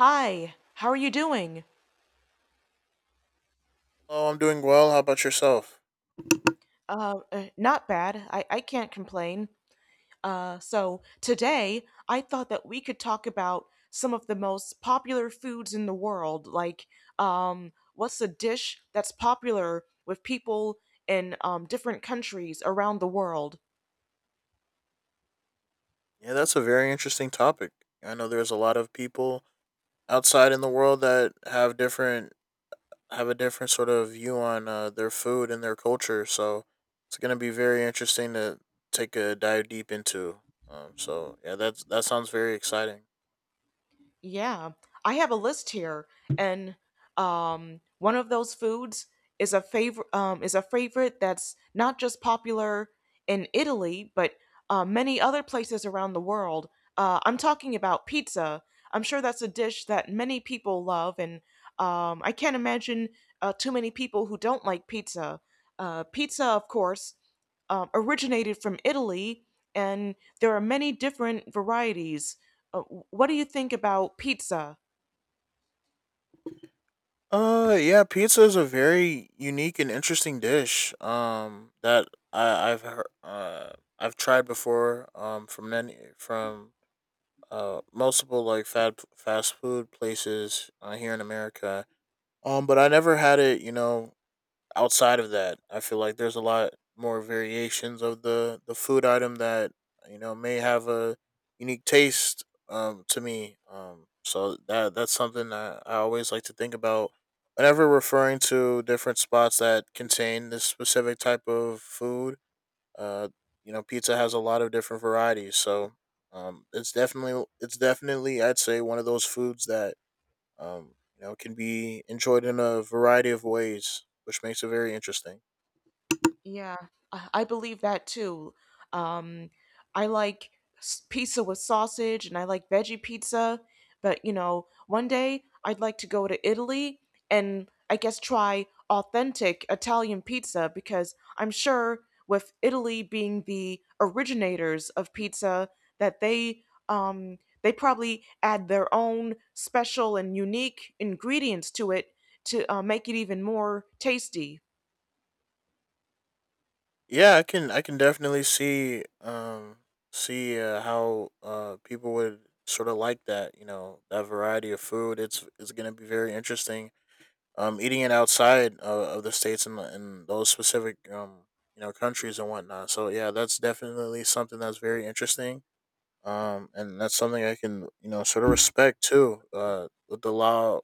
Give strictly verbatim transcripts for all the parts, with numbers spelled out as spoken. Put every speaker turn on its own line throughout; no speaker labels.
Hi, how are you doing?
Oh, I'm doing well. How about yourself?
Uh, uh, not bad. I, I can't complain. Uh, so today I thought that we could talk about some of the most popular foods in the world. Like, um, what's a dish that's popular with people in um, different countries around the world?
Yeah, that's a very interesting topic. I know there's a lot of people outside in the world that have different have a different sort of view on uh, their food and their culture. So it's gonna be very interesting to take a dive deep into. Um, so yeah, that's that sounds very exciting.
Yeah, I have a list here, and um, one of those foods is a favorite um, is a favorite that's not just popular in Italy, but uh, many other places around the world. Uh, I'm talking about pizza. I'm sure that's a dish that many people love, and um, I can't imagine uh, too many people who don't like pizza. Uh, pizza, of course, um, originated from Italy, and there are many different varieties. Uh, what do you think about pizza?
Uh, yeah, pizza is a very unique and interesting dish. Um, that I I've heard, uh I've tried before. Um, from many from uh, multiple like fat fast food places uh, here in America. Um, but I never had it. You know, outside of that, I feel like there's a lot more variations of the the food item that you know may have a unique taste. Um, to me. Um, so that that's something that I always like to think about whenever referring to different spots that contain this specific type of food. Uh, you know, pizza has a lot of different varieties, so um, it's definitely it's definitely I'd say one of those foods that um, you know can be enjoyed in a variety of ways, which makes it very interesting.
Yeah, I I believe that too. Um, I like s- pizza with sausage and I like veggie pizza, but you know, one day I'd like to go to Italy and I guess try authentic Italian pizza because I'm sure with Italy being the originators of pizza that they um they probably add their own special and unique ingredients to it to uh, make it even more tasty.
Yeah, I can I can definitely see um see uh, how uh people would sort of like that, you know, that variety of food. It's it's going to be very interesting um, eating it outside of, of the states and the- and those specific um, you know countries and whatnot. So yeah, that's definitely something that's very interesting. Um, and that's something I can you know sort of respect too. Uh, with the law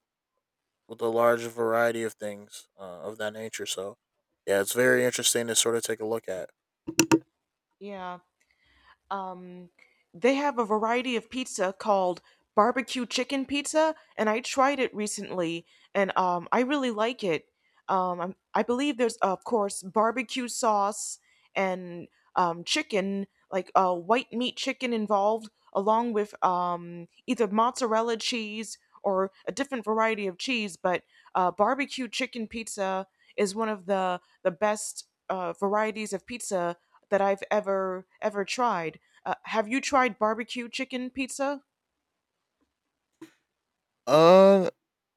with the large variety of things uh, of that nature. So yeah, it's very interesting to sort of take a look at.
Yeah. Um, they have a variety of pizza called barbecue chicken pizza, and I tried it recently, and um, I really like it. Um, I'm- I believe there's, of course, barbecue sauce and um, chicken, like uh, white meat chicken involved, along with um, either mozzarella cheese or a different variety of cheese. But uh, barbecue chicken pizza is one of the the best uh, varieties of pizza that I've ever ever tried. Uh, have you tried barbecue chicken pizza?
Uh,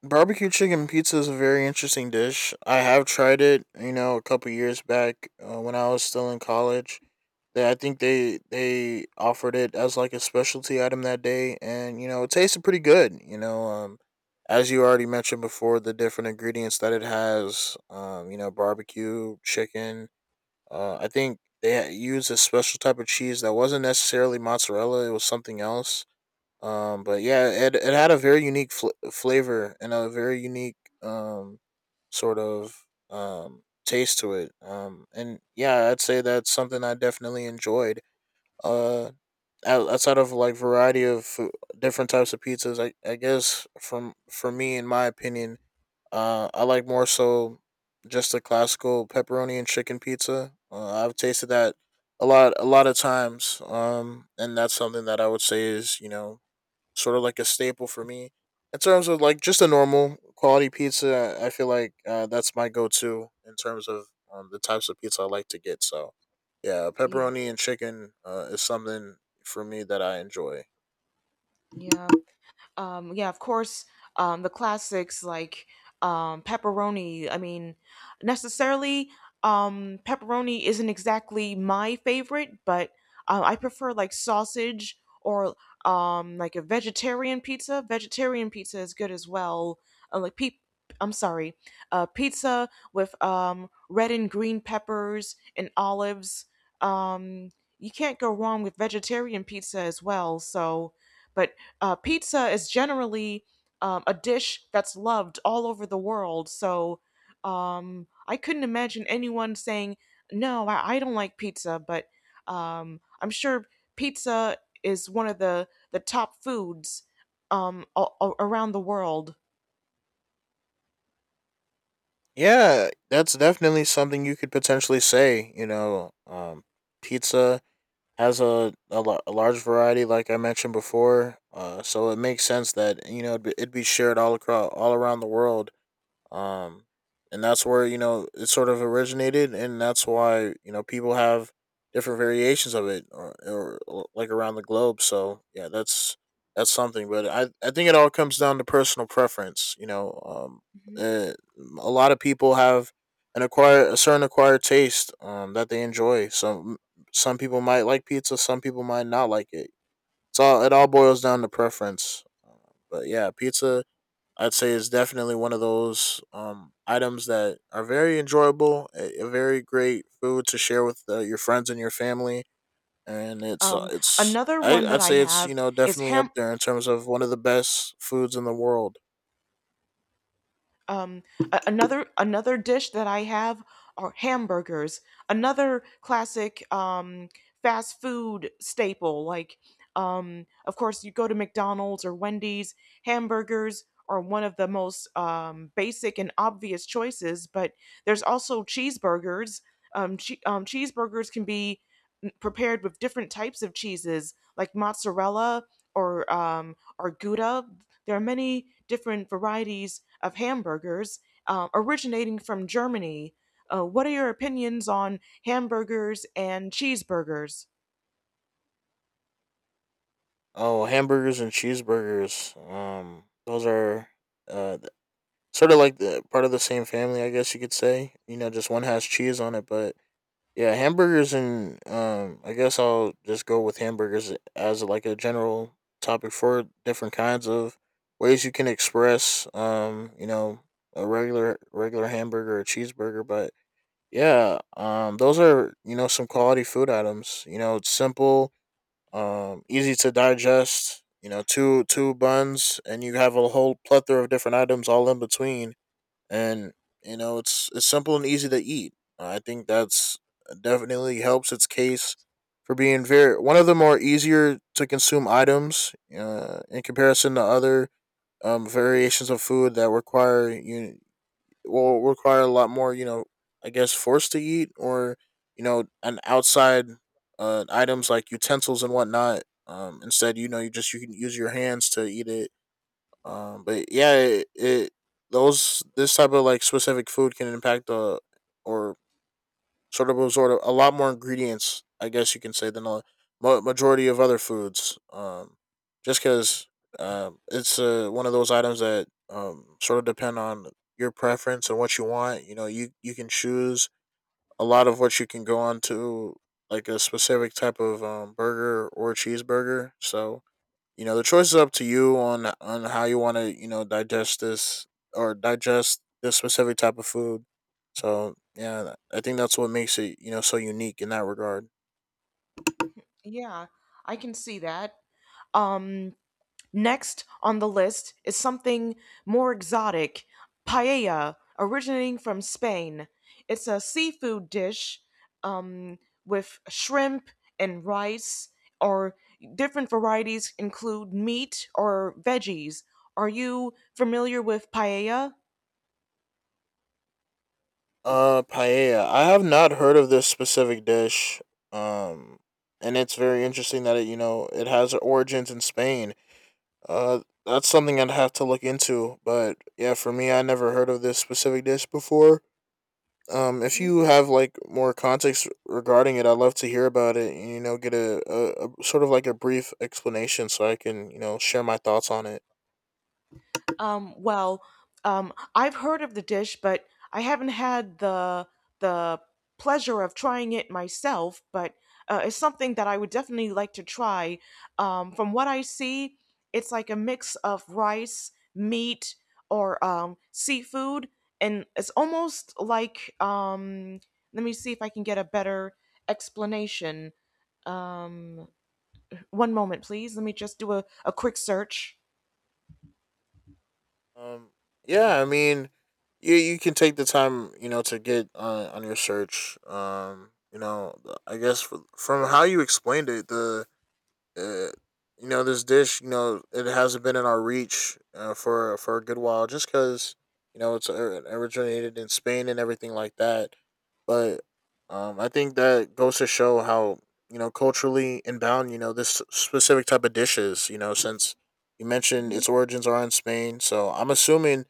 Barbecue chicken pizza is a very interesting dish. I have tried it, you know, a couple years back uh, when I was still in college. They, I think they they offered it as like a specialty item that day, and you know it tasted pretty good. You know, um, as you already mentioned before, the different ingredients that it has, um, you know, barbecue, chicken. Uh, I think they ha- used a special type of cheese that wasn't necessarily mozzarella; it was something else. Um, but yeah, it it had a very unique fl- flavor and a very unique um sort of um taste to it. Um, and yeah, I'd say that's something I definitely enjoyed uh out- outside of like variety of fo- different types of pizzas i, I guess from for me in my opinion uh I like more so just the classical pepperoni and chicken pizza. uh, I've tasted that a lot a lot of times, um, and that's something that I would say is, you know, sort of like a staple for me. In terms of like just a normal quality pizza, I feel like uh, that's my go-to in terms of um, the types of pizza I like to get. So, yeah,
Yeah,
pepperoni and chicken uh, is something for me that I enjoy.
yeah, um yeah, of course. Um the classics, like um pepperoni. I mean, necessarily um pepperoni isn't exactly my favorite, but uh, I prefer like sausage or um like a vegetarian pizza. Vegetarian pizza is good as well. uh, like pe- I'm sorry. Uh pizza with um red and green peppers and olives. um you can't go wrong with vegetarian pizza as well, so. But uh, pizza is generally um, a dish that's loved all over the world. So um, I couldn't imagine anyone saying, no, I, I don't like pizza. But um, I'm sure pizza is one of the, the top foods um, a- a- around the world.
Yeah, that's definitely something you could potentially say. You know, um, pizza has a, a, la- a large variety, like I mentioned before. Uh, so it makes sense that you know it'd be, it'd be shared all across all around the world, um, and that's where you know it sort of originated, and that's why you know people have different variations of it, or, or like around the globe. So yeah, that's that's something, but i i think it all comes down to personal preference, you know. um
Mhm.
uh, a lot of people have an acquire a certain acquired taste um that they enjoy. some some people might like pizza, some people might not like it. It's all it all boils down to preference. Uh, but yeah, pizza I'd say is definitely one of those um, items that are very enjoyable, a, a very great food to share with uh, your friends and your family, and it's uh,
Um,
it's
another
I,
one that
I'd
I
say it's you
have
know
is
definitely up
ham
there in terms of one of the best foods in the world.
um a- another another dish that I have are hamburgers, another classic um fast food staple. Like um of course, you go to McDonald's or Wendy's, hamburgers are one of the most um, basic and obvious choices. But there's also cheeseburgers. Um, che- um, cheeseburgers can be prepared with different types of cheeses like mozzarella or um, or gouda. There are many different varieties of hamburgers uh, originating from Germany. Uh, what are your opinions on hamburgers and cheeseburgers?
Oh, hamburgers and cheeseburgers, um, those are uh, th- sort of like the part of the same family, I guess you could say. You know, just one has cheese on it. But yeah, hamburgers, and um, I guess I'll just go with hamburgers as like a general topic for different kinds of ways you can express, um, you know, a regular regular hamburger or cheeseburger. But yeah, um, those are you know some quality food items. You know, it's simple, um, easy to digest. You know, two two buns, and you have a whole plethora of different items all in between. And you know it's it's simple and easy to eat. I think that's definitely helps its case for being very one of the more easier to consume items uh, in comparison to other um, variations of food that require you will require a lot more, you know, I guess force to eat, or you know an outside uh, items like utensils and whatnot. Um, instead, you know you just you can use your hands to eat it, um, but yeah, it, it those this type of like specific food can impact the or sort of absorb a lot more ingredients, I guess you can say, than the ma- majority of other foods. Um, just because um, it's uh, one of those items that um sort of depend on your preference and what you want. You know, you you can choose a lot of what you can go on to like a specific type of um burger or cheeseburger. So you know the choice is up to you on on how you want to you know digest this or digest this specific type of food. So yeah, I think that's what makes it you know so unique in that regard.
Yeah, I can see that. Um, Next on the list is something more exotic: paella, originating from Spain. It's a seafood dish um, with shrimp and rice, or different varieties include meat or veggies. Are you familiar with paella?
Uh paella, I have not heard of this specific dish, um, and it's very interesting that it, you know, it has origins in Spain. uh that's something I'd have to look into, but yeah, for me I never heard of this specific dish before. Um, if
Mhm.
you have like more context regarding it, I'd love to hear about it. And, you know, get a, a, a sort of like a brief explanation so I can you know share my thoughts on it.
Um, well, um, I've heard of the dish, but I haven't had the the pleasure of trying it myself. But uh, it's something that I would definitely like to try. Um, from what I see, it's like a mix of rice, meat, or um, seafood, and it's almost like um, let me see if I can get a better explanation. Um, one moment, please. Let me just do a, a quick search.
Um, yeah, I mean, you you can take the time you know to get on on your search. Um, you know, I guess fr- from how you explained it, the uh, you know this dish, you know, it hasn't been in our reach uh, for for a good while, just because you know it's uh, originated in Spain and everything like that. But um, I think that goes to show how you know culturally inbound you know this specific type of dish is, you know, since you mentioned
Hmm.
its origins are in Spain. So I'm assuming i-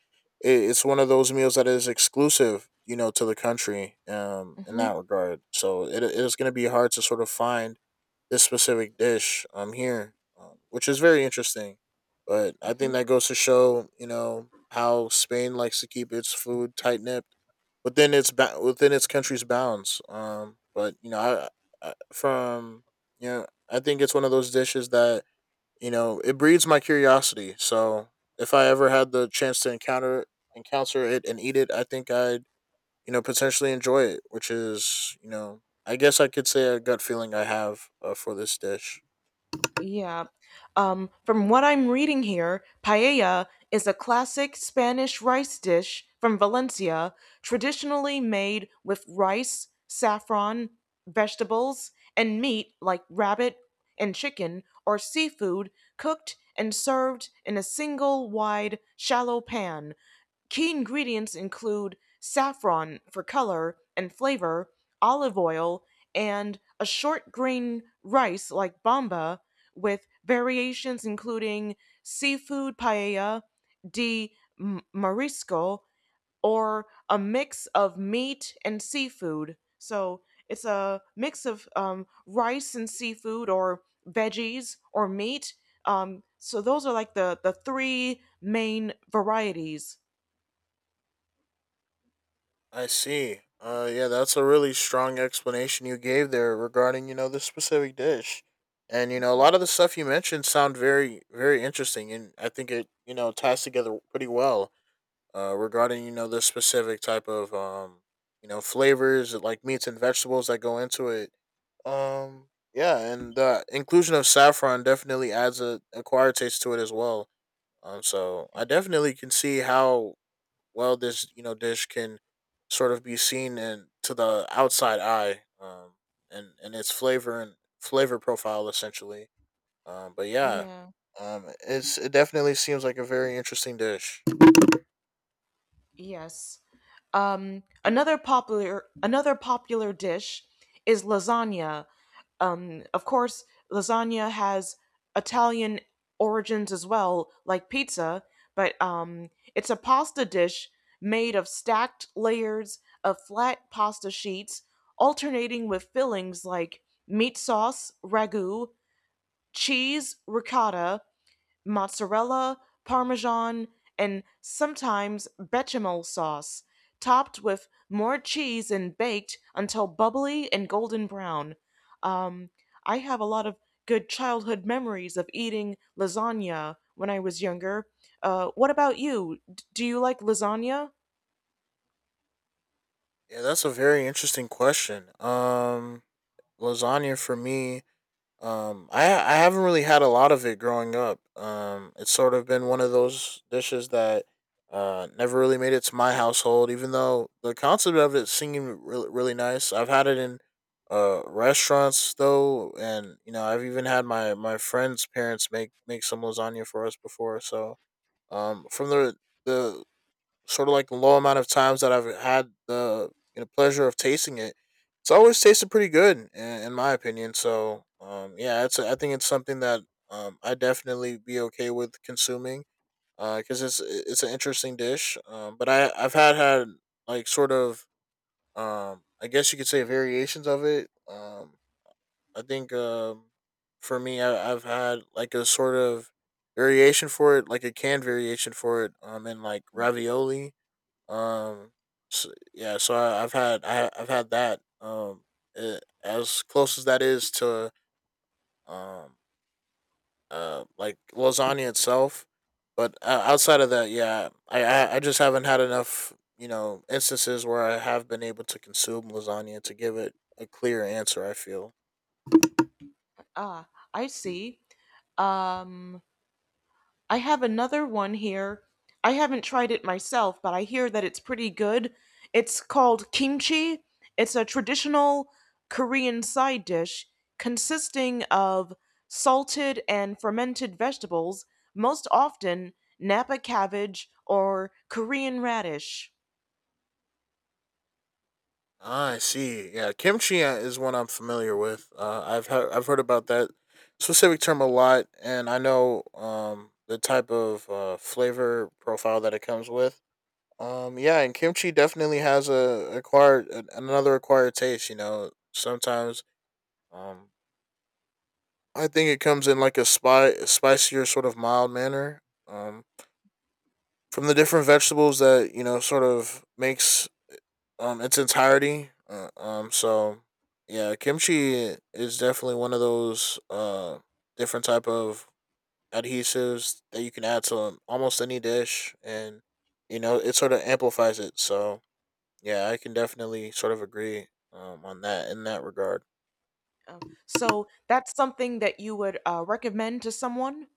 it's one of those meals that is exclusive you know to the country, um, in
Hmm.
that regard. So it it is going to be hard to sort of find this specific dish um here, um, which is very interesting. But I think that goes to show, you know, how Spain likes to keep its food tight nipped within its ba- within its country's bounds. Um, but you know, I, I from you know, I think it's one of those dishes that you know it breeds my curiosity. So if I ever had the chance to encounter encounter it and eat it, I think I'd you know, potentially enjoy it, which is, you know, I guess I could say a gut feeling I have uh, for this dish.
Yeah. Um, from what I'm reading here, paella is a classic Spanish rice dish from Valencia, traditionally made with rice, saffron, vegetables, and meat like rabbit and chicken or seafood, cooked and served in a single wide, shallow pan. Key ingredients include saffron for color and flavor, olive oil, and a short grain rice like bamba, with variations including seafood paella de marisco or a mix of meat and seafood. So it's a mix of um, rice and seafood or veggies or meat. Um, so those are like the, the three main varieties.
I see. Uh, yeah, that's a really strong explanation you gave there regarding, you know, this specific dish. And, you know, a lot of the stuff you mentioned sound very, very interesting. And I think it, you know, ties together pretty well uh, regarding, you know, this specific type of, um, you know, flavors like meats and vegetables that go into it. Um, yeah, and the inclusion of saffron definitely adds a acquired taste to it as well. Um, so I definitely can see how well this you know dish can sort of be seen and to the outside eye, um, and and its flavor and flavor profile essentially. Um, but yeah,
Yeah.
um, it's it definitely seems like a very interesting dish.
Yes. Um, another popular another popular dish is lasagna. Um, of course, lasagna has Italian origins as well, like pizza, but um, it's a pasta dish made of stacked layers of flat pasta sheets, alternating with fillings like meat sauce, ragu, cheese, ricotta, mozzarella, parmesan, and sometimes bechamel sauce, topped with more cheese and baked until bubbly and golden brown. Um, I have a lot of good childhood memories of eating lasagna when I was younger. Uh, what about you? D- do you like lasagna?
Yeah, that's a very interesting question. Um, lasagna for me, um, I I haven't really had a lot of it growing up. Um, it's sort of been one of those dishes that uh never really made it to my household, even though the concept of it seemed really really nice. I've had it in uh restaurants, though, and you know I've even had my my friend's parents make make some lasagna for us before. So um, from the the sort of like the low amount of times that I've had the you know, pleasure of tasting it, it's always tasted pretty good in, in my opinion. So um, yeah, it's I think it's something that um, I definitely be okay with consuming because it's it's an interesting dish. Um, but I I've had had like sort of um, I guess you could say variations of it. Um, I think um, for me, I, I've had like a sort of variation for it, like a canned variation for it, um, in like ravioli um, so, yeah, so I, I've had I, I've had that. Um, it, as close as that is to um uh like lasagna itself, but uh, outside of that, yeah, I, I I just haven't had enough you know instances where I have been able to consume lasagna to give it a clear answer, I feel.
Ah, I see. Um, I have another one here. I haven't tried it myself, but I hear that it's pretty good. It's called kimchi. It's a traditional Korean side dish consisting of salted and fermented vegetables, most often napa cabbage or Korean radish.
Ah, I see. Yeah, kimchi uh, is one I'm familiar with. Uh, I've he- I've heard about that specific term a lot, and I know um the type of uh, flavor profile that it comes with. Um, yeah, and kimchi definitely has a acquired an- another acquired taste. You know, sometimes um I think it comes in like a spy spicier sort of mild manner. Um, from the different vegetables that you know sort of makes um its entirety. Uh, um so yeah, kimchi is definitely one of those uh different type of adhesives that you can add to almost any dish, and you know, it sort of amplifies it. So, yeah, I can definitely sort of agree um on that in that regard.
So that's something that you would uh, recommend to someone?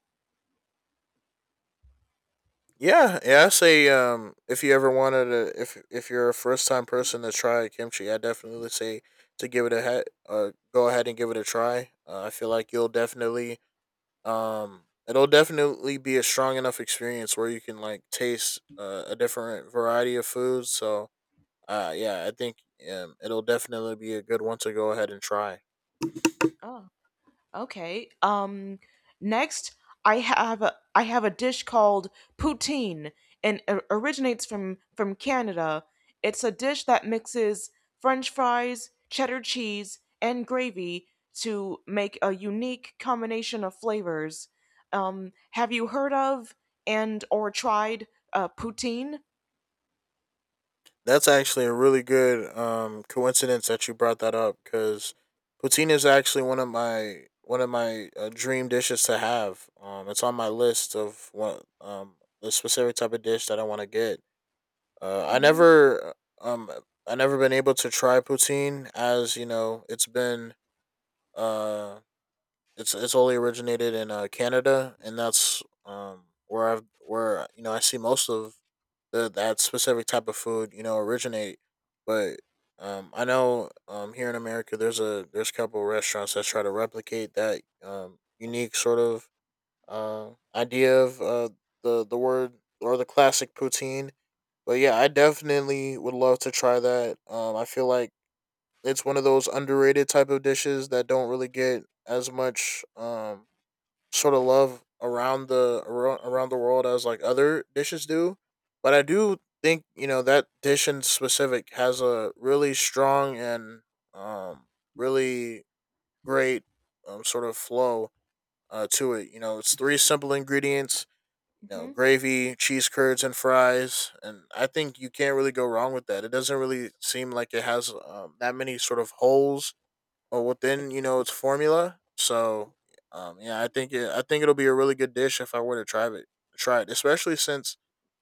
Yeah, yeah, I say um if you ever wanted to, if if you're a first time person to try kimchi, I definitely say to give it a he- uh, go ahead and give it a try. Uh, I feel like you'll definitely um it'll definitely be a strong enough experience where you can like taste uh, a different variety of foods, so uh yeah, I think um, it'll definitely be a good one to go ahead and try.
Oh. Okay. Um, next I have a, I have a dish called poutine, and it originates from from Canada. It's a dish that mixes french fries, cheddar cheese, and gravy to make a unique combination of flavors. Um, have you heard of and or tried uh poutine?
That's actually a really good um coincidence that you brought that up, because poutine is actually one of my one of my uh, dream dishes to have. Um it's on my list of what um the specific type of dish that I want to get. Uh, I
Mhm.
never um I never been able to try poutine, as you know, it's been uh it's it's only originated in uh, Canada, and that's um where I've, where you know I see most of the that specific type of food, you know, originate. But um I know um here in America there's a, there's a couple restaurants that try to replicate that um unique sort of uh idea of uh the the word, or the classic poutine. But yeah, I definitely would love to try that. Um, I feel like it's one of those underrated type of dishes that don't really get as much um sort of love around the around, around the world as like other dishes do. But I do think, you know, that dish in specific has a really strong and um really great um sort of flow uh to it. You know, it's three simple ingredients, you know,
Mhm.
gravy, cheese curds, and fries. And I think you can't really go wrong with that. It doesn't really seem like it has um, that many sort of holes or within, you know, its formula. So um, yeah, I think it, I think it'll be a really good dish if I were to try it. Try it, especially since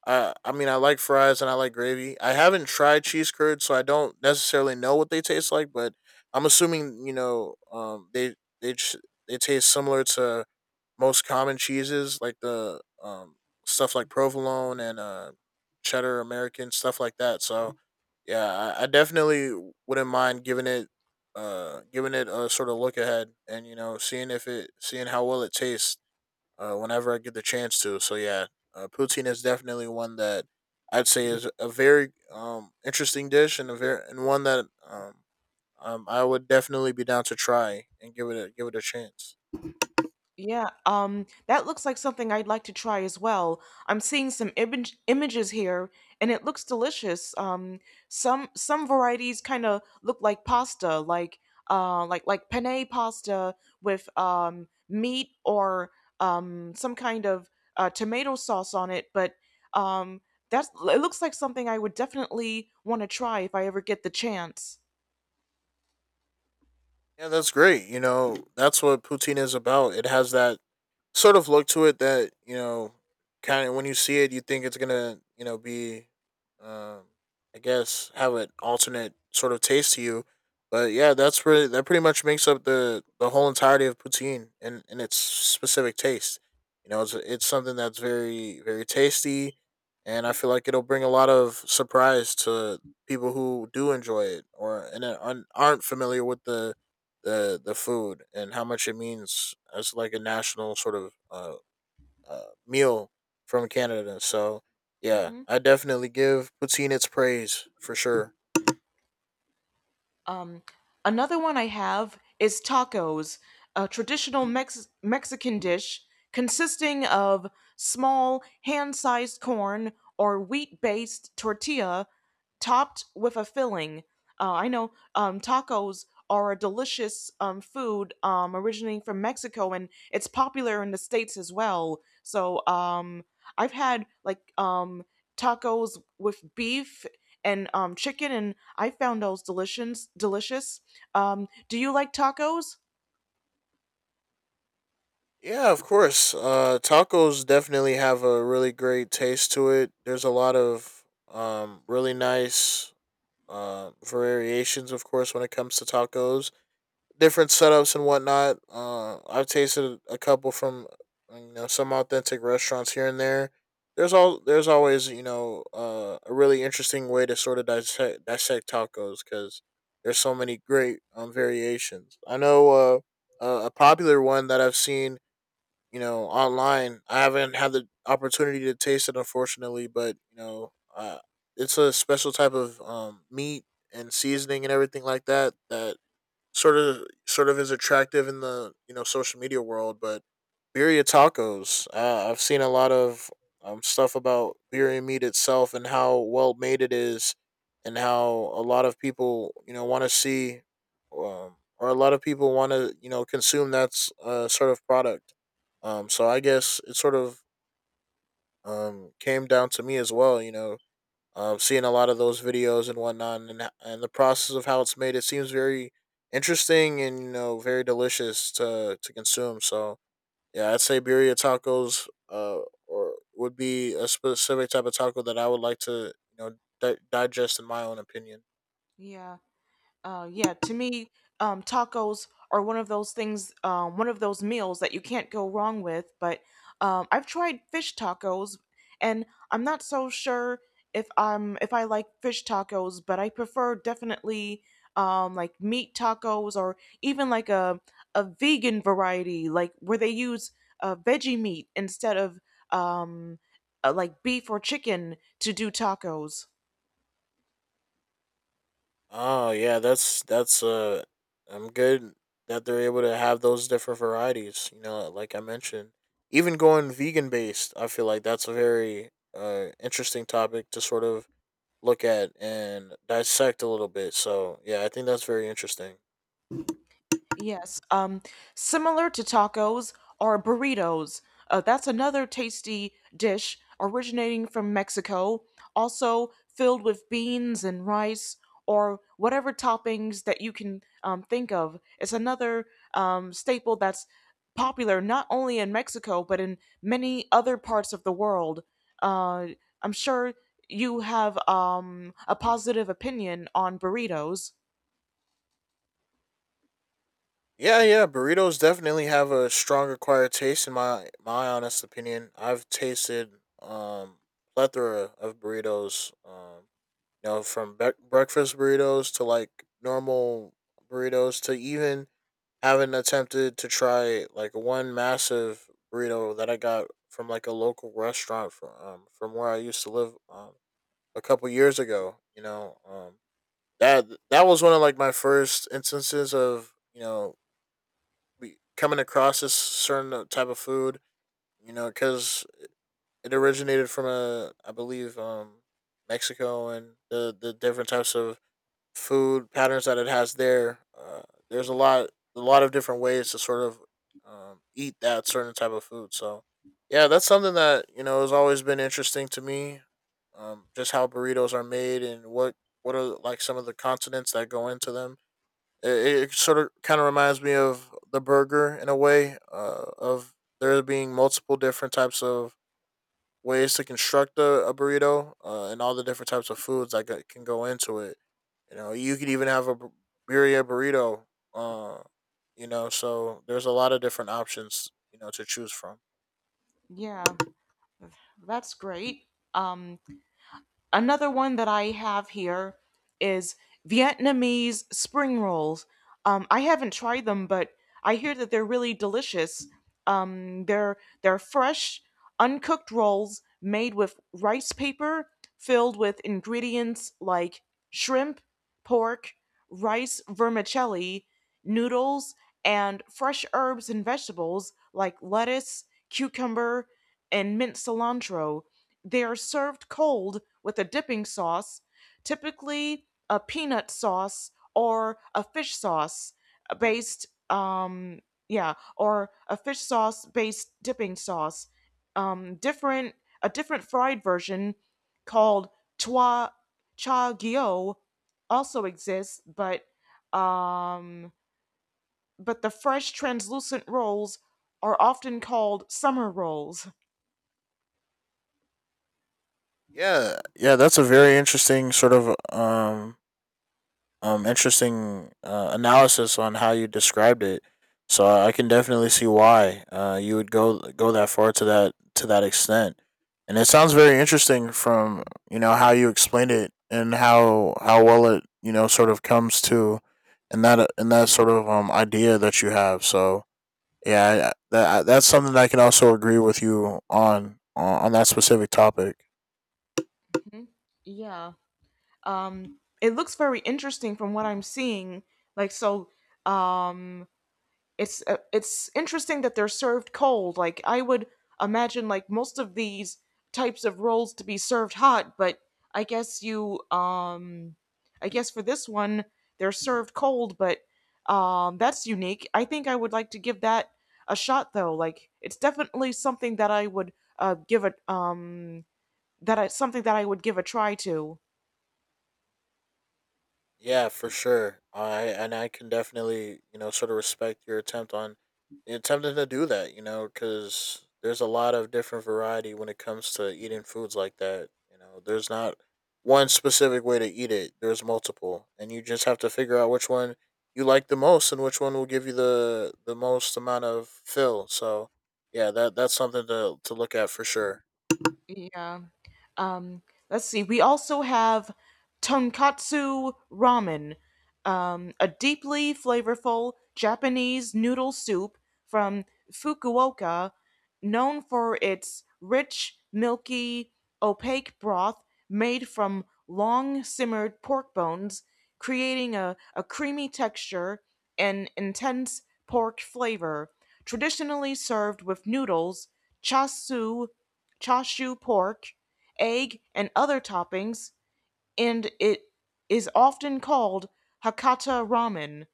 I I mean, I like fries and I like gravy. I haven't tried cheese curds, so I don't necessarily know what they taste like. But I'm assuming, you know, um, they they ch- they taste similar to most common cheeses, like the um stuff like provolone and uh cheddar, american, stuff like that. So yeah, i, I definitely wouldn't mind giving it uh giving it a sort of look ahead, and you know, seeing if it, seeing how well it tastes uh whenever I get the chance to. So yeah, uh, poutine is definitely one that I'd say is a very um interesting dish, and a very, and one that um, um I would definitely be down to try and give it a, give it a chance.
Yeah, um, that looks like something I'd like to try as well. I'm seeing some image images here, and it looks delicious. Um, some some varieties kind of look like pasta, like uh, like like penne pasta with um meat or um some kind of uh, tomato sauce on it. But um, that's, it looks like something I would definitely want to try if I ever get the chance.
Yeah, that's great. You know, that's what poutine is about. It has that sort of look to it that, you know, kind of when you see it, you think it's going to, you know, be, um, I guess, have an alternate sort of taste to you. But yeah, that's really, that pretty much makes up the, the whole entirety of poutine, and, and its specific taste. You know, it's, it's something that's very, very tasty. And I feel like it'll bring a lot of surprise to people who do enjoy it, or and uh, aren't aren't familiar with the the the food, and how much it means as like a national sort of uh, uh meal from Canada. So yeah,
Hmm.
I definitely give poutine its praise for sure.
Um, another one I have is tacos, a traditional Mex- Mexican dish consisting of small, hand sized corn or wheat based tortilla topped with a filling. Uh, I know um, tacos are a delicious um, food um, originating from Mexico, and it's popular in the States as well. So um, I've had like um, tacos with beef and um, chicken, and I found those delicious. Delicious. Um, do you like tacos?
Yeah, of course. Uh, tacos definitely have a really great taste to it. There's a lot of um really nice uh variations, of course, when it comes to tacos, different setups and whatnot. Uh, I've tasted a couple from uh, you know, some authentic restaurants here and there. There's all there's always, you know, uh, a really interesting way to sort of dissect, dissect tacos, because there's so many great um, variations. I know uh, uh, a popular one that I've seen, you know, online. I haven't had the opportunity to taste it, unfortunately, but you know, uh, it's a special type of um, meat and seasoning and everything like that, that sort of sort of is attractive in the, you know, social media world, but birria tacos. Uh, I've seen a lot of um, stuff about birria meat itself and how well made it is, and how a lot of people, you know, want to see, um, or a lot of people want to, you know, consume that s- uh, sort of product. Um, so I guess it sort of um, came down to me as well. You know, um, seeing a lot of those videos and whatnot, and and the process of how it's made, it seems very interesting and, you know, very delicious to to consume. So yeah, I'd say birria tacos, uh, or would be a specific type of taco that I would like to, you know, di- digest in my own opinion.
Yeah. Uh, yeah, to me, um, tacos are one of those things, um, one of those meals that you can't go wrong with. But um, I've tried fish tacos, and I'm not so sure if I'm if I like fish tacos, but I prefer definitely um, like meat tacos or even like a a vegan variety, like where they use uh, veggie meat instead of um, uh, like beef or chicken to do tacos.
Oh yeah, that's that's uh, I'm good that they're able to have those different varieties. You know, like I mentioned, even going vegan based, I feel like that's a very uh interesting topic to sort of look at and dissect a little bit. So yeah, I think that's very interesting.
Yes, um, similar to tacos are burritos. Uh, that's another tasty dish originating from Mexico, also filled with beans and rice or whatever toppings that you can um, think of. It's another um, staple that's popular not only in Mexico but in many other parts of the world. Uh, I'm sure you have um, a positive opinion on burritos.
Yeah, yeah, burritos definitely have a strong acquired taste in my my honest opinion. I've tasted um plethora of burritos, um, you know, from bre- breakfast burritos to like normal burritos, to even having attempted to try like one massive burrito that I got from like a local restaurant from um, from where I used to live um, a couple years ago. You know, um, that that was one of like my first instances of, you know, we coming across this certain uh, type of food, you know, because it originated from a, I believe, um mexico, and the the different types of food patterns that it has there. Uh, there's a lot a lot of different ways to sort of um, eat that certain type of food. So yeah, that's something that, you know, has always been interesting to me, um, just how burritos are made, and what what are like some of the continents that go into them. It, it sort of kind of reminds me of the burger in a way, uh, of there being multiple different types of ways to construct a, a burrito, uh, and all the different types of foods that g- can go into it. You know, you could even have a bu- birria burrito. Uh, you know, so there's a lot of different options, you know, to choose from.
Yeah, that's great. Um, Another one that I have here is Vietnamese spring rolls. Um, I haven't tried them, but I hear that they're really delicious. Um, they're they're fresh, uncooked rolls made with rice paper, filled with ingredients like shrimp, pork, rice vermicelli, noodles, and fresh herbs and vegetables like lettuce, cucumber, and mint cilantro. They are served cold with a dipping sauce, typically a peanut sauce or a fish sauce uh, based, um, yeah, or a fish sauce based dipping sauce. Um, different a different fried version called chua cha gyo also exists, but um, but the fresh translucent rolls are often called summer rolls.
Yeah, yeah, that's a very interesting sort of um um interesting uh, analysis on how you described it. So I can definitely see why uh, you would go go that far to that to that extent, and it sounds very interesting from, you know, how you explained it, and how how well it, you know, sort of comes to, and that and that sort of um idea that you have. So yeah, I- that that's something that I can also agree with you on, on on that specific topic.
Mhm. Yeah, um, it looks very interesting from what I'm seeing. Like, so, um, it's uh, it's interesting that they're served cold. Like, I would imagine like most of these types of rolls to be served hot, but I guess you um I guess for this one they're served cold. But um, that's unique. I think I would like to give that a shot, though. Like, it's definitely something that I would uh give a um that I, something that I would give a try to.
Yeah, for sure. I And I can definitely, you know, sort of respect your attempt on attempting to do that. You know, because there's a lot of different variety when it comes to eating foods like that. You know, there's not one specific way to eat it. There's multiple, and you just have to figure out which one you like the most and which one will give you the the most amount of fill. So, yeah, that that's something to to look at for sure.
Yeah. Um, let's see. We also have tonkatsu ramen, um, a deeply flavorful Japanese noodle soup from Fukuoka, known for its rich, milky, opaque broth made from long simmered pork bones, creating a, a creamy texture and intense pork flavor. Traditionally served with noodles, chasu chashu pork, egg, and other toppings, and it is often called Hakata ramen.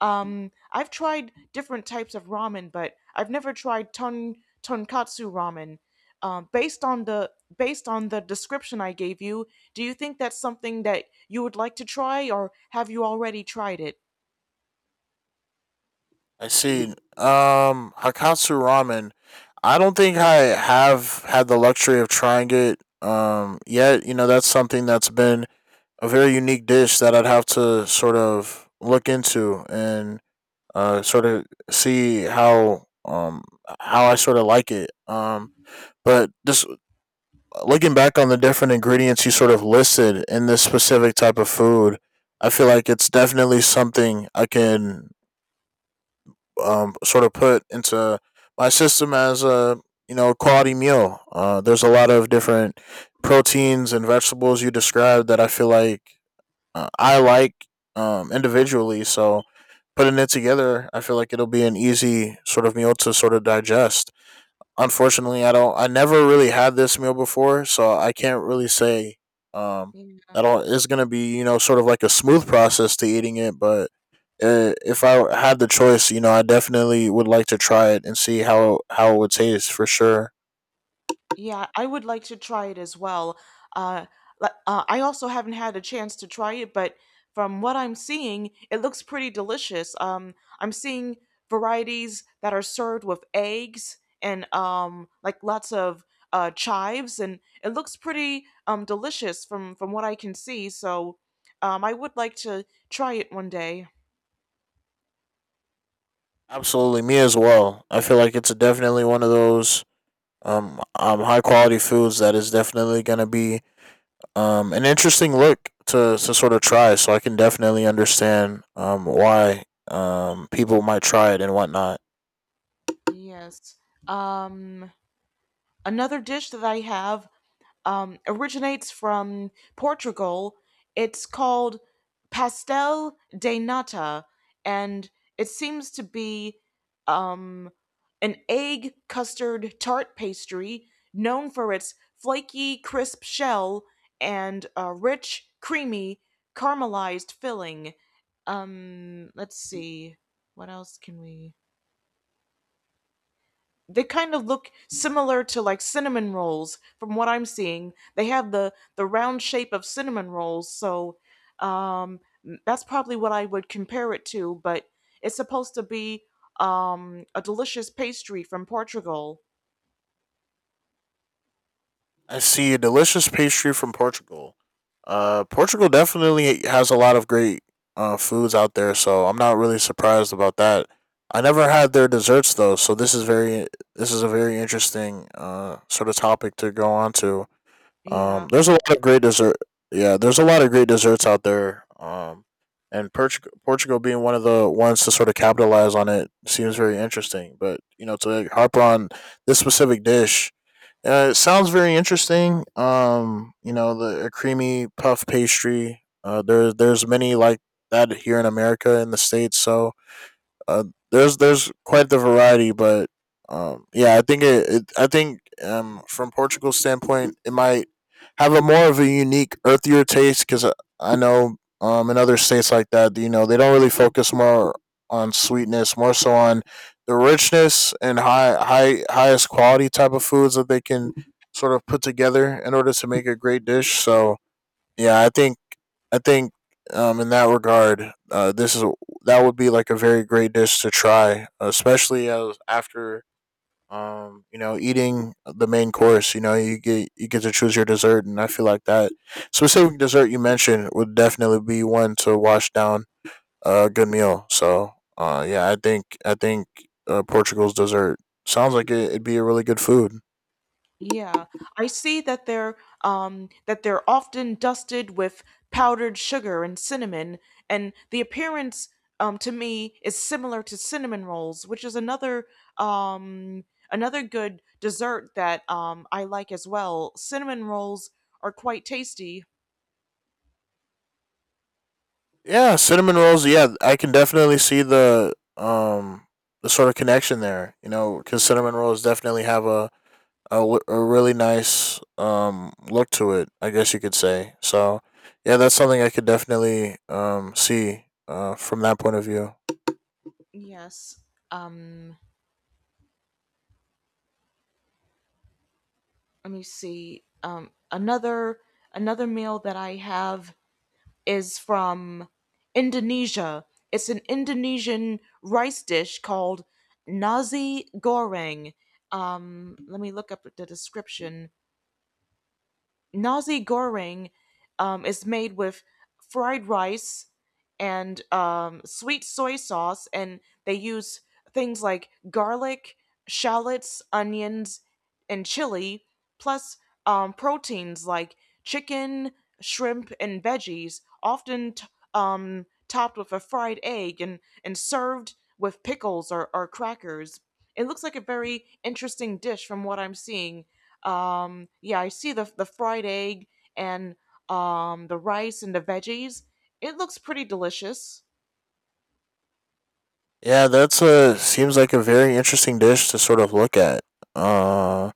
Um, I've tried different types of ramen, but I've never tried ton tonkatsu ramen. Um, based on the based on the description I gave you, do you think that's something that you would like to try, or have you already tried it?
I see. Um, Hakatsu Ramen. I don't think I have had the luxury of trying it um, yet. You know, that's something that's been a very unique dish that I'd have to sort of look into and uh, sort of see how um, how I sort of like it. Um, but just looking back on the different ingredients you sort of listed in this specific type of food, I feel like it's definitely something I can um, sort of put into my system as a you know quality meal. Uh, there's a lot of different proteins and vegetables you described that I feel like uh, I like um, individually. So putting it together, I feel like it'll be an easy sort of meal to sort of digest unfortunately i don't i never really had this meal before so I can't really say um that all is going to be you know sort of like a smooth process to eating it but uh, if I had the choice you know I definitely would like to try it and see how how it would taste for sure
Yeah, I would like to try it as well. Uh, li- uh, I also haven't had a chance to try it, but from what I'm seeing, it looks pretty delicious. Um, I'm seeing varieties that are served with eggs and um, like lots of uh, chives, and it looks pretty um, delicious from from what I can see. So, um, I would like to try it one day.
absolutely me as well I feel like it's definitely one of those um, um high quality foods that is definitely going to be um, an interesting look to, to sort of try. So I can definitely understand um, why um, people might try it and whatnot.
Yes. Um, another dish that I have um, originates from Portugal. It's called pastel de nata, and it seems to be um, an egg custard tart pastry known for its flaky, crisp shell and a rich, creamy, caramelized filling. Um, let's see. What else can we? They kind of look similar to like cinnamon rolls. From what I'm seeing, they have the the round shape of cinnamon rolls, so um that's probably what I would compare it to, but it's supposed to be um a delicious pastry from Portugal.
I see a delicious pastry from Portugal. Uh, Portugal definitely has a lot of great uh, foods out there, so I'm not really surprised about that. I never had their desserts though, so this is very this is a very interesting uh, sort of topic to go on to.
Yeah.
Um, there's a lot of great dessert. Yeah, there's a lot of great desserts out there. Um, and Portugal, Portugal being one of the ones to sort of capitalize on it seems very interesting. But you know, to like, harp on this specific dish, uh, it sounds very interesting. Um, you know, the a creamy puff pastry. Uh, there, there's many like that here in America in the states. So, uh, there's there's quite the variety, but um, yeah, I think it, it I think um, from Portugal's standpoint, it might have a more of a unique, earthier taste because I, I know um, in other states like that, you know, they don't really focus more on sweetness, more so on the richness and high high highest quality type of foods that they can sort of put together in order to make a great dish. So yeah, I think I think um, in that regard, uh, this is that would be like a very great dish to try, especially as after um, you know eating the main course. You know, you get you get to choose your dessert, and I feel like that specific dessert you mentioned would definitely be one to wash down a good meal. So, uh, yeah, I think I think uh, Portugal's dessert sounds like it, it'd be a really good food.
Yeah, I see that they're um that they're often dusted with powdered sugar and cinnamon, and the appearance um to me is similar to cinnamon rolls, which is another um another good dessert that um I like as well. Cinnamon rolls are quite tasty.
Yeah, cinnamon rolls. Yeah, I can definitely see the um the sort of connection there. You know, because cinnamon rolls definitely have a, a w- a really nice um look to it. I guess you could say. So, yeah, that's something I could definitely um see uh from that point of view.
Yes. Um, let me see. Um another another meal that I have is from Indonesia. It's an Indonesian rice dish called nasi goreng. Um, let me look up the description. Nasi goreng um, is made with fried rice and um, sweet soy sauce, and they use things like garlic, shallots, onions, and chili, plus um, proteins like chicken, shrimp, and veggies, often t- um, topped with a fried egg and, and served with pickles or, or crackers. It looks like a very interesting dish. From what I'm seeing, um yeah, I see the the fried egg and um the rice and the veggies. It looks pretty delicious.
Yeah, that's a seems like a very interesting dish to sort of look at. Uh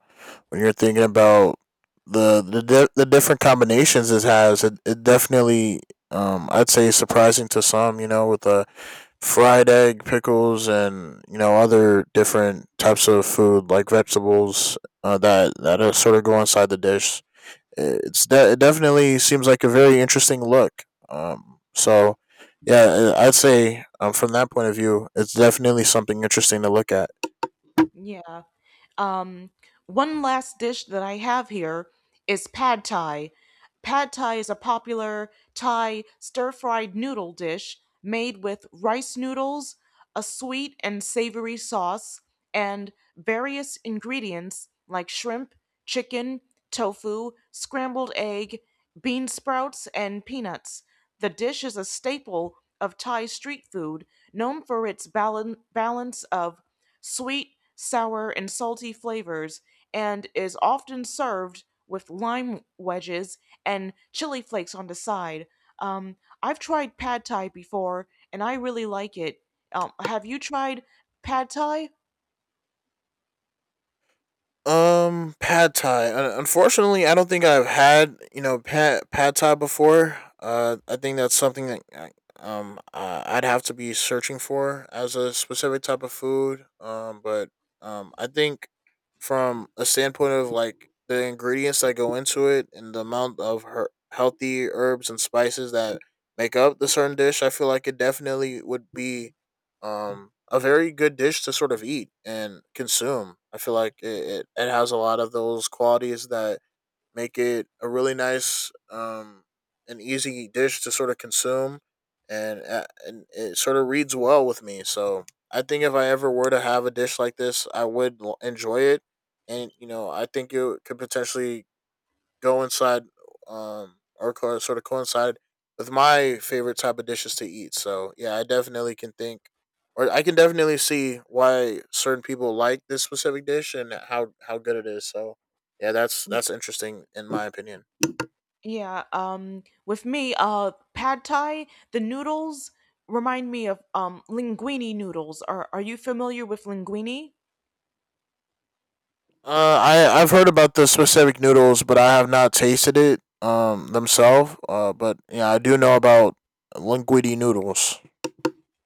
when you're thinking about the the di- the different combinations it has, it, it definitely um I'd say surprising to some, you know, with the fried egg, pickles, and you know other different types of food like vegetables uh, that that are sort of go inside the dish it's de- it definitely seems like a very interesting look. Um, so yeah, I- I'd say um, from that point of view, it's definitely something interesting to look at.
Yeah. Um, one last dish that I have here is pad thai. Pad thai is a popular Thai stir fried noodle dish made with rice noodles, a sweet and savory sauce, and various ingredients like shrimp, chicken, tofu, scrambled egg, bean sprouts, and peanuts. The dish is a staple of Thai street food, known for its balan- balance of sweet, sour, and salty flavors, and is often served with lime wedges and chili flakes on the side. Um, I've tried pad thai before and I really like it. Um, have you tried pad thai?
Um, pad thai. Uh, unfortunately, I don't think I've had you know pad pad thai before. Uh, I think that's something that I- um uh, I'd have to be searching for as a specific type of food. Um, but um, I think from a standpoint of like the ingredients that go into it and the amount of her- healthy herbs and spices that make up the certain dish, I feel like it definitely would be um a very good dish to sort of eat and consume. I feel like it, it, it has a lot of those qualities that make it a really nice um an easy dish to sort of consume and uh, and it sort of reads well with me. So I think if I ever were to have a dish like this, I would l- enjoy it and you know, I think it could potentially coincide um or co- sort of coincide with my favorite type of dishes to eat. So yeah, I definitely can think or I can definitely see why certain people like this specific dish and how how good it is. So yeah, that's that's interesting in my opinion.
Yeah. Um, with me, uh, pad thai, the noodles remind me of um, linguine noodles. Are, are you familiar with linguine?
Uh, I I've heard about the specific noodles, but I have not tasted it um themselves. Uh, but yeah, I do know about linguine noodles.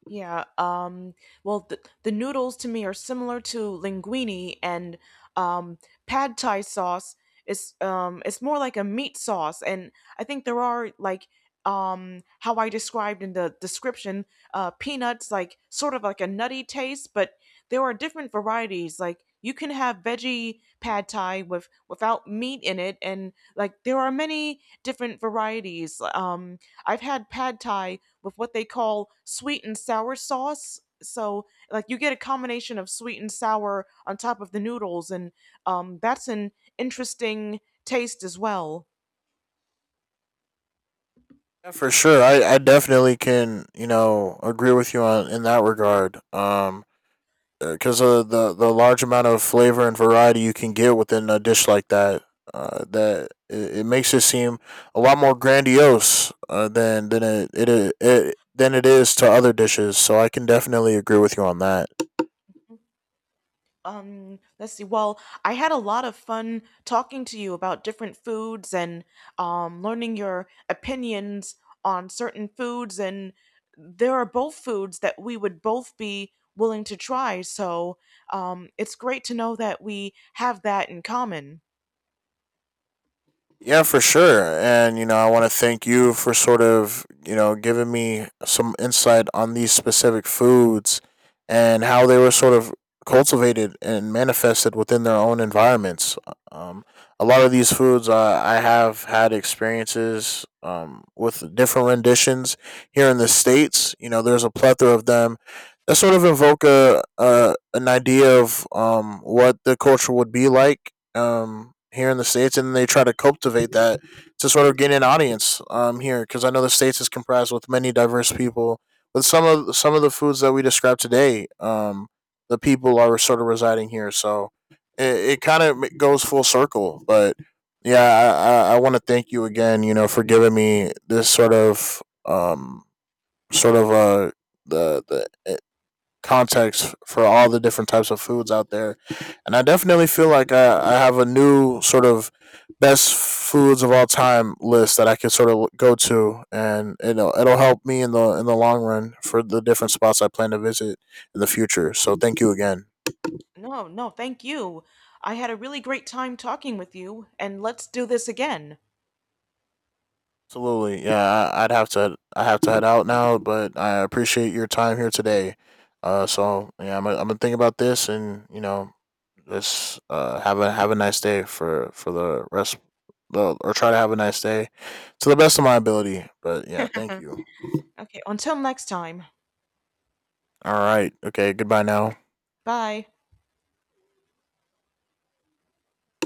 Yeah. Um, well, the, the noodles to me are similar to linguine, and um, pad thai sauce is um, it's more like a meat sauce, and I think there are like um, how I described in the description, uh, peanuts, like sort of like a nutty taste, but there are different varieties. Like you can have veggie pad thai with without meat in it, and like there are many different varieties. Um, I've had pad thai with what they call sweet and sour sauce. So, like, you get a combination of sweet and sour on top of the noodles, and um, that's an interesting taste as well.
Yeah, for sure. I, I definitely can you know agree with you on in that regard. Um, because of the the large amount of flavor and variety you can get within a dish like that. Uh, that it, it makes it seem a lot more grandiose uh, than than it, it it it than it is to other dishes. So I can definitely agree with you on that.
Um, let's see. Well, I had a lot of fun talking to you about different foods and um, learning your opinions on certain foods. And there are both foods that we would both be willing to try. So um, it's great to know that we have that in common.
Yeah, for sure. And, you know, I want to thank you for sort of, you know, giving me some insight on these specific foods and how they were sort of cultivated and manifested within their own environments. Um, a lot of these foods, uh, I have had experiences um, with different renditions here in the States. You know, there's a plethora of them that sort of invoke a, a, an idea of um, what the culture would be like um, here in the states, and they try to cultivate that to sort of gain an audience um, here, because I know the states is comprised with many diverse people. But some of some of the foods that we described today, um, the people are sort of residing here, so it, it kind of goes full circle. But yeah, I, I, I want to thank you again, you know, for giving me this sort of um, sort of uh, the the context for all the different types of foods out there. And I definitely feel like I, I have a new sort of best foods of all time list that I can sort of go to and you know it'll help me in the in the long run for the different spots I plan to visit in the future. So thank you again.
No, no, thank you. I had a really great time talking with you, and let's do this again.
Absolutely. Yeah, I, I'd have to I have to head out now, but I appreciate your time here today. Uh so yeah, I'm gonna, I'm gonna think about this and you know just uh have a have a nice day for for the rest the or try to have a nice day to the best of my ability. But yeah, thank you.
Okay, until next time.
All right. Okay, goodbye now.
Bye.